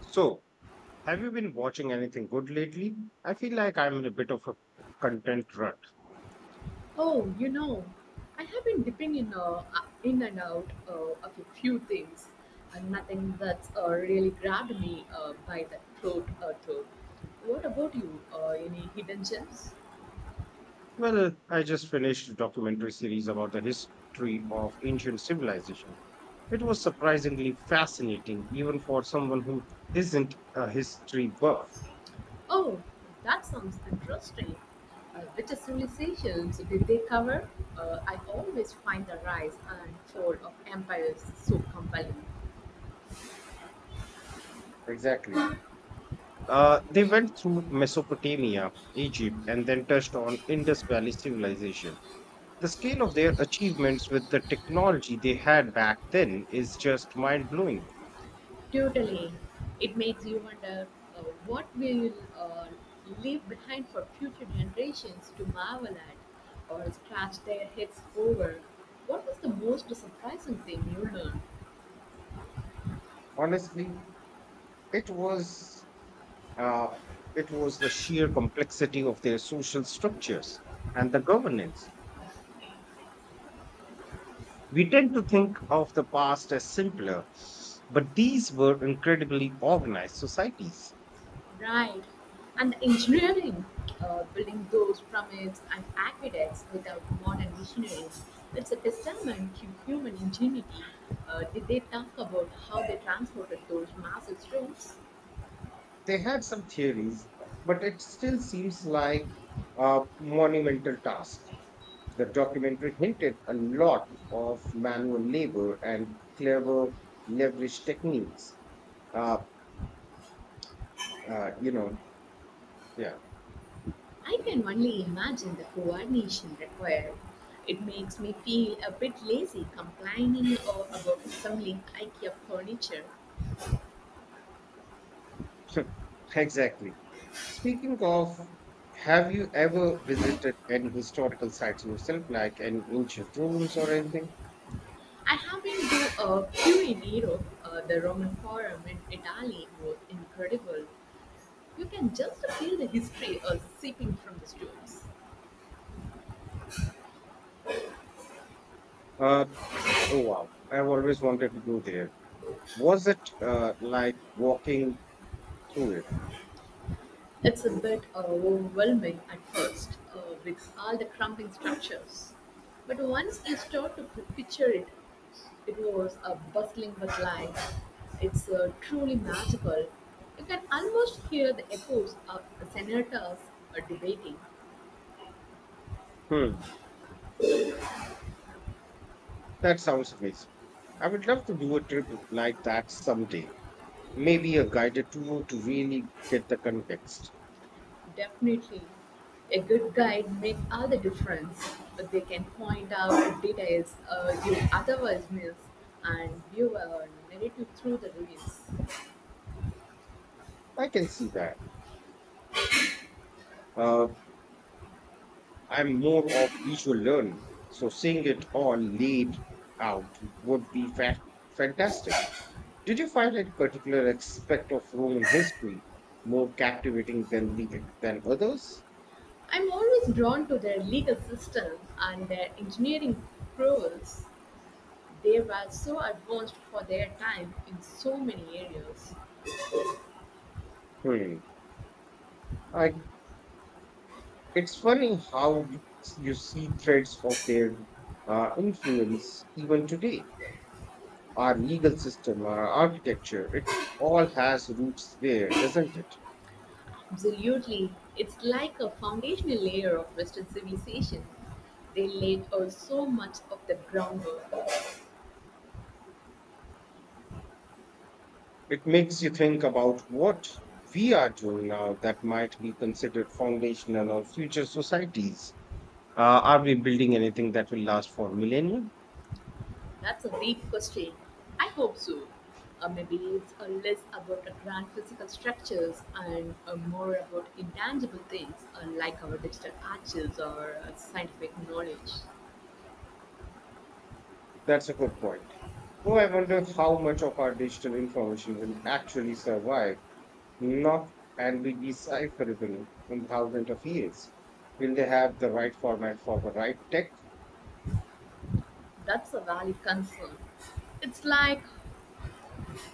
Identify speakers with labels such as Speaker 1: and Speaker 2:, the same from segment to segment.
Speaker 1: So, have you been watching anything good lately? I feel like I'm in a bit of a content rut.
Speaker 2: Oh, you know, I have been dipping in and out of a few things, and nothing that's really grabbed me by the throat or toe. What about you? Any hidden gems?
Speaker 1: Well, I just finished a documentary series about the history of ancient civilization. It was surprisingly fascinating, even for someone who isn't a history buff.
Speaker 2: Oh, that sounds interesting. Which civilizations did they cover? I always find the rise and fall of empires so compelling.
Speaker 1: Exactly. They went through Mesopotamia, Egypt, and then touched on Indus Valley civilization. The scale of their achievements with the technology they had back then is just mind blowing.
Speaker 2: Totally. It makes you wonder what we will leave behind for future generations to marvel at or scratch their heads over. What was the most surprising thing you learned?
Speaker 1: Honestly, it was uh, it was the sheer complexity of their social structures and the governance. We tend to think of the past as simpler, but these were incredibly organized societies.
Speaker 2: Right. And the engineering, building those pyramids and aqueducts without modern machineries, it's a testament to human ingenuity. Did they talk about how they transported those massive stones?
Speaker 1: They had some theories, but it still seems like a monumental task. The documentary hinted a lot of manual labor and clever leverage techniques. Uh, uh, you know, yeah.
Speaker 2: I can only imagine the coordination required. It makes me feel a bit lazy complaining about assembling IKEA furniture.
Speaker 1: Exactly. Speaking of, have you ever visited any historical sites yourself, like any ancient ruins or anything?
Speaker 2: I have been to a few in Europe. The Roman Forum in Italy was incredible. You can just feel the history seeping from the stones.
Speaker 1: Uh, oh wow, I've always wanted to go there. Was it like walking through it?
Speaker 2: It's a bit overwhelming at first with all the crumbling structures. But once you start to picture it, it was bustling with life. It's truly magical. You can almost hear the echoes of the senators debating.
Speaker 1: Hmm, that sounds amazing. I would love to do a trip like that someday. Maybe a guided tour to really get the context.
Speaker 2: Definitely, a good guide makes all the difference. But they can point out details you otherwise miss, and you are narrative through the ruins.
Speaker 1: I can see that. Uh, I'm more of visual learning, so seeing it all laid out would be fantastic. Did you find any particular aspect of Roman history more captivating than the than others?
Speaker 2: I'm always drawn to their legal system and their engineering prowess. They were so advanced for their time in so many areas.
Speaker 1: Hmm. I, it's funny how you see threads of their influence even today. Our legal system, our architecture, it all has roots there, doesn't it?
Speaker 2: Absolutely. It's like a foundational layer of Western civilization. They laid out so much of the groundwork.
Speaker 1: It makes you think about what we are doing now that might be considered foundational or future societies. Are we building anything that will last for millennia?
Speaker 2: That's a big question. I hope so. Maybe it's less about the grand physical structures and more about intangible things like our digital archives or scientific knowledge.
Speaker 1: That's a good point. Though I wonder how much of our digital information will actually survive, not and be decipherable in thousands of years. Will they have the right format for the right tech?
Speaker 2: That's a valid concern. It's like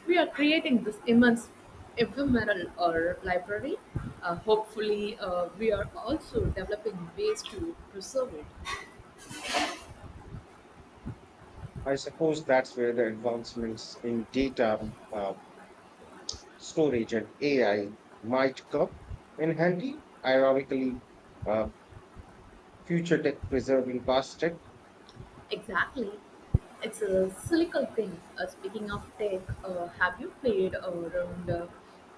Speaker 2: we are creating this immense ephemeral or library. Hopefully, we are also developing ways to preserve it.
Speaker 1: I suppose that's where the advancements in data storage and AI might come in handy. Ironically, uh, future tech preserving past tech.
Speaker 2: Exactly. It's a cyclical thing. Speaking of tech, have you played around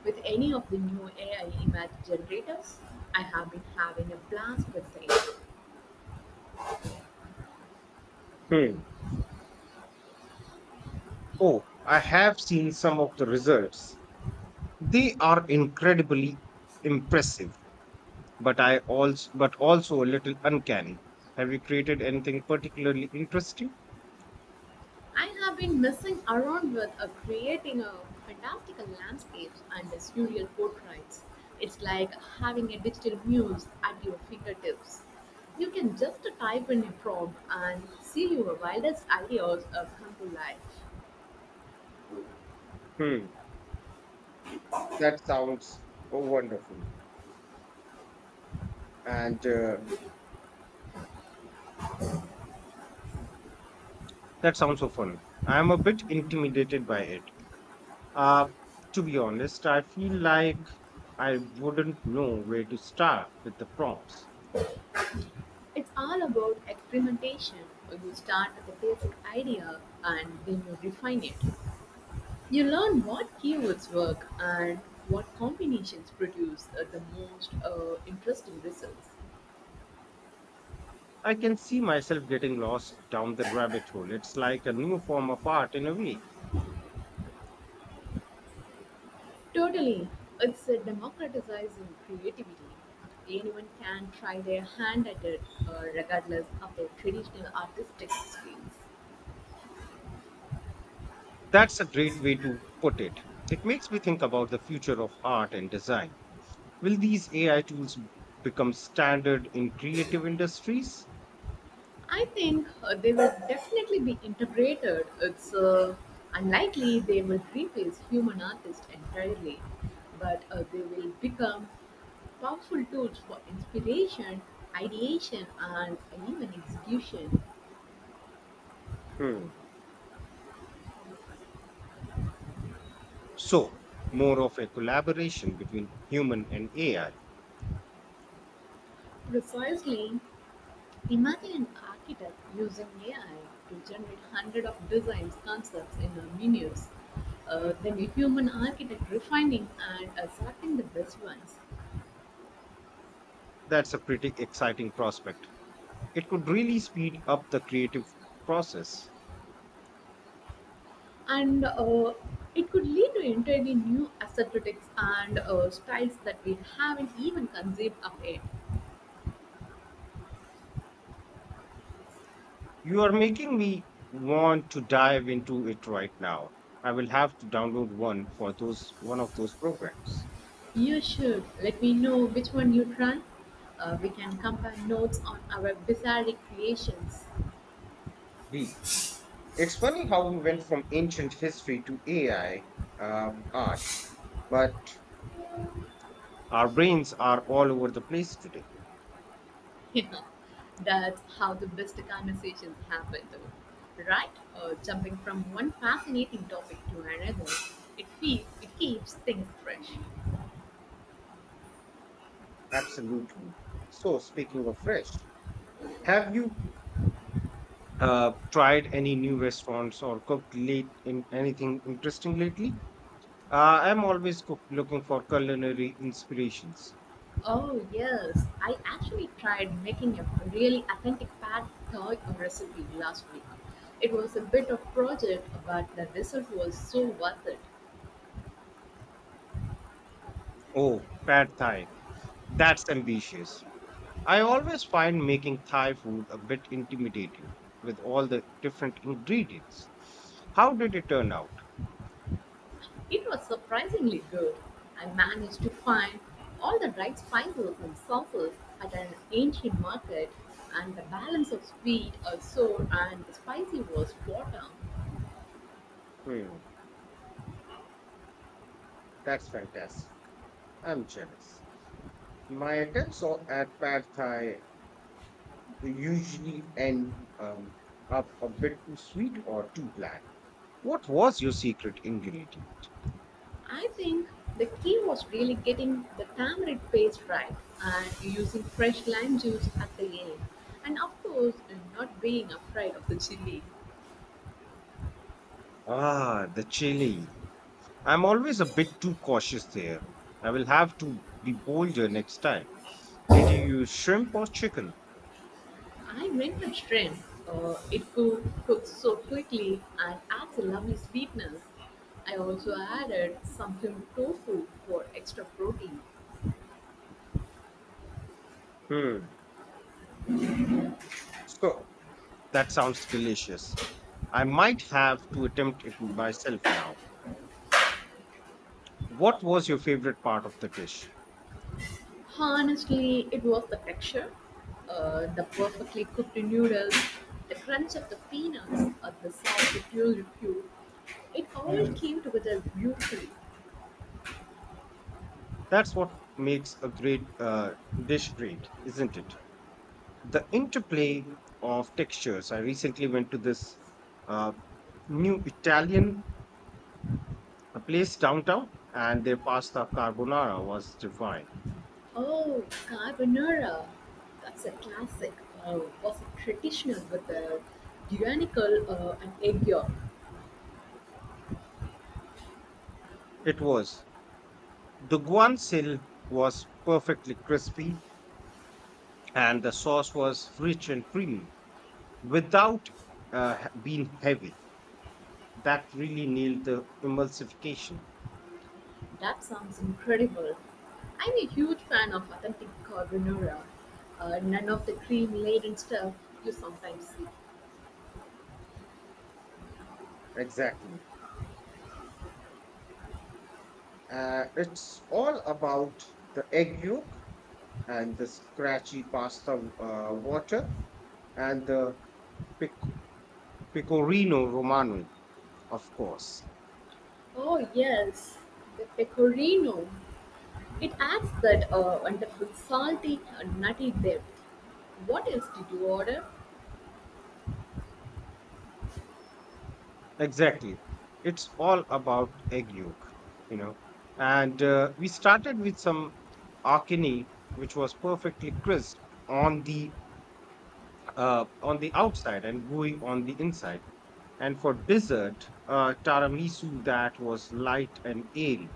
Speaker 2: with any of the new AI image generators? I have been having a blast with it.
Speaker 1: Hmm. Oh, I have seen some of the results. They are incredibly impressive, but also a little uncanny. Have you created anything particularly interesting?
Speaker 2: I have been messing around with creating a fantastical landscapes and surreal portraits. It's like having a digital muse at your fingertips. You can just type in a prompt and see your wildest ideas come to life.
Speaker 1: Hmm. That sounds wonderful. And that sounds so fun. I'm a bit intimidated by it. Uh, to be honest, I feel like I wouldn't know where to start with the prompts.
Speaker 2: It's all about experimentation. You start with a basic idea and then you refine it. You learn what keywords work and what combinations produce the most interesting results.
Speaker 1: I can see myself getting lost down the rabbit hole. It's like a new form of art in a way.
Speaker 2: Totally. It's a democratizing creativity. Anyone can try their hand at it, regardless of their traditional artistic skills.
Speaker 1: That's a great way to put it. It makes me think about the future of art and design. Will these AI tools become standard in creative industries?
Speaker 2: I think they will definitely be integrated. It's unlikely they will replace human artists entirely, but they will become powerful tools for inspiration, ideation, and even execution.
Speaker 1: Hmm. So, more of a collaboration between human and AI.
Speaker 2: Precisely, imagine an architect using AI to generate hundreds of designs, concepts in minutes, then a human architect refining and selecting the best ones.
Speaker 1: That's a pretty exciting prospect. It could really speed up the creative process.
Speaker 2: And it could lead to entirely new aesthetics and styles that we haven't even conceived of yet.
Speaker 1: You are making me want to dive into it right now. I will have to download one of those programs.
Speaker 2: You should let me know which one you try. We can compare notes on our bizarre creations.
Speaker 1: Deal. It's funny how we went from ancient history to AI art, but our brains are all over the place today.
Speaker 2: Yeah, that's how the best conversations happen, though, right? Jumping from one fascinating topic to another, it feels it keeps things fresh.
Speaker 1: Absolutely. So, speaking of fresh, have you tried any new restaurants or cooked late in anything interesting lately? I'm always looking for culinary inspirations.
Speaker 2: Oh yes, I actually tried making a really authentic pad thai recipe last week. It was a bit of project, but the result was so worth it.
Speaker 1: Oh, pad thai. That's ambitious. I always find making Thai food a bit intimidating with all the different ingredients. How did it turn out?
Speaker 2: It was surprisingly good. I managed to find all the right spices and sauces at an ancient market, and the balance of sweet or sour and spicy was spot on.
Speaker 1: Hmm, that's fantastic. I'm jealous. My attempts at pad thai they usually end up a bit too sweet or too bland. What was your secret ingredient?
Speaker 2: I think the key was really getting the tamarind paste right and using fresh lime juice at the end, and of course, not being afraid of the chili.
Speaker 1: Ah, the chili. I'm always a bit too cautious there. I will have to be bolder next time. Did you use shrimp or chicken?
Speaker 2: I went with shrimp. It cooks so quickly and adds a lovely sweetness. I also added some film tofu for extra protein.
Speaker 1: Hmm. So that sounds delicious. I might have to attempt it myself now. What was your favorite part of the dish?
Speaker 2: Honestly, it was the texture, the perfectly cooked noodles, the crunch of the peanuts, or the salty puree. It all came together beautifully.
Speaker 1: That's what makes a great dish great, isn't it? The interplay of textures. I recently went to this uh, new Italian place downtown, and their pasta carbonara was divine.
Speaker 2: Oh, carbonara. That's a classic. Was a traditional with a Guanical and egg yolk.
Speaker 1: It was. The guanciale was perfectly crispy, and the sauce was rich and creamy without uh, being heavy. That really nailed the emulsification.
Speaker 2: That sounds incredible. I'm a huge fan of authentic carbonara. None of the cream laden stuff you sometimes see.
Speaker 1: Exactly. It's all about the egg yolk and the scratchy pasta water and the pic- Pecorino Romano, of course.
Speaker 2: Oh, yes, the pecorino. It adds that wonderful salty and nutty depth. What else did you order?
Speaker 1: Exactly. It's all about egg yolk, you know. And we started with some akini, which was perfectly crisp on the on the outside and gooey on the inside. And for dessert, tiramisu that was light and airy.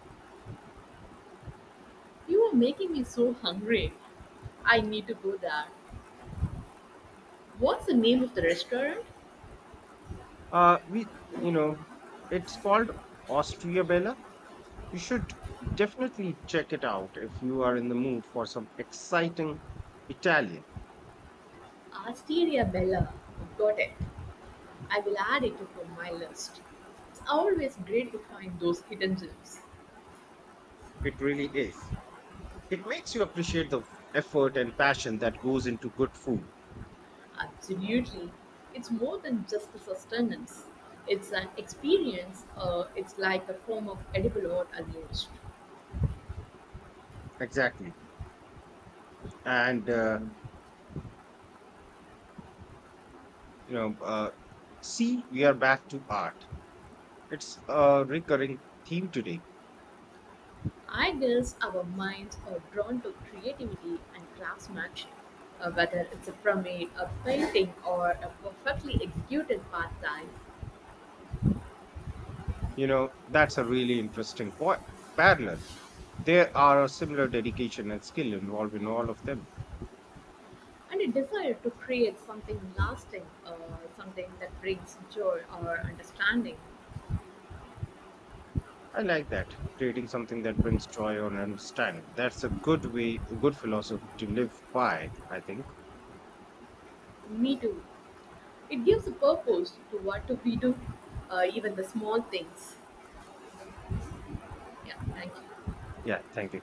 Speaker 2: You are making me so hungry. I need to go there. What's the name of the restaurant?
Speaker 1: Uh, we, you know, it's called Austriabella. You should definitely check it out if you are in the mood for some exciting Italian.
Speaker 2: Asteria Bella. Got it. I will add it to my list. It's always great to find those hidden gems.
Speaker 1: It really is. It makes you appreciate the effort and passion that goes into good food.
Speaker 2: Absolutely. It's more than just a sustenance, it's an experience. It's like a form of edible art almost.
Speaker 1: Exactly. And, uh, you know, uh, See, we are back to art. It's a recurring theme today.
Speaker 2: I guess our minds are drawn to creativity and craftsmanship, whether it's a permit, a painting, or a perfectly executed part time.
Speaker 1: You know, that's a really interesting point. Parallel. There are a similar dedication and skill involved in all of them.
Speaker 2: And a desire to create something lasting, something that brings joy or understanding.
Speaker 1: I like that. Creating something that brings joy or understanding. That's a good way, a good philosophy to live by, I think.
Speaker 2: Me too. It gives a purpose to what we do, even the small things. Yeah, thank you.
Speaker 1: Yeah, thank you.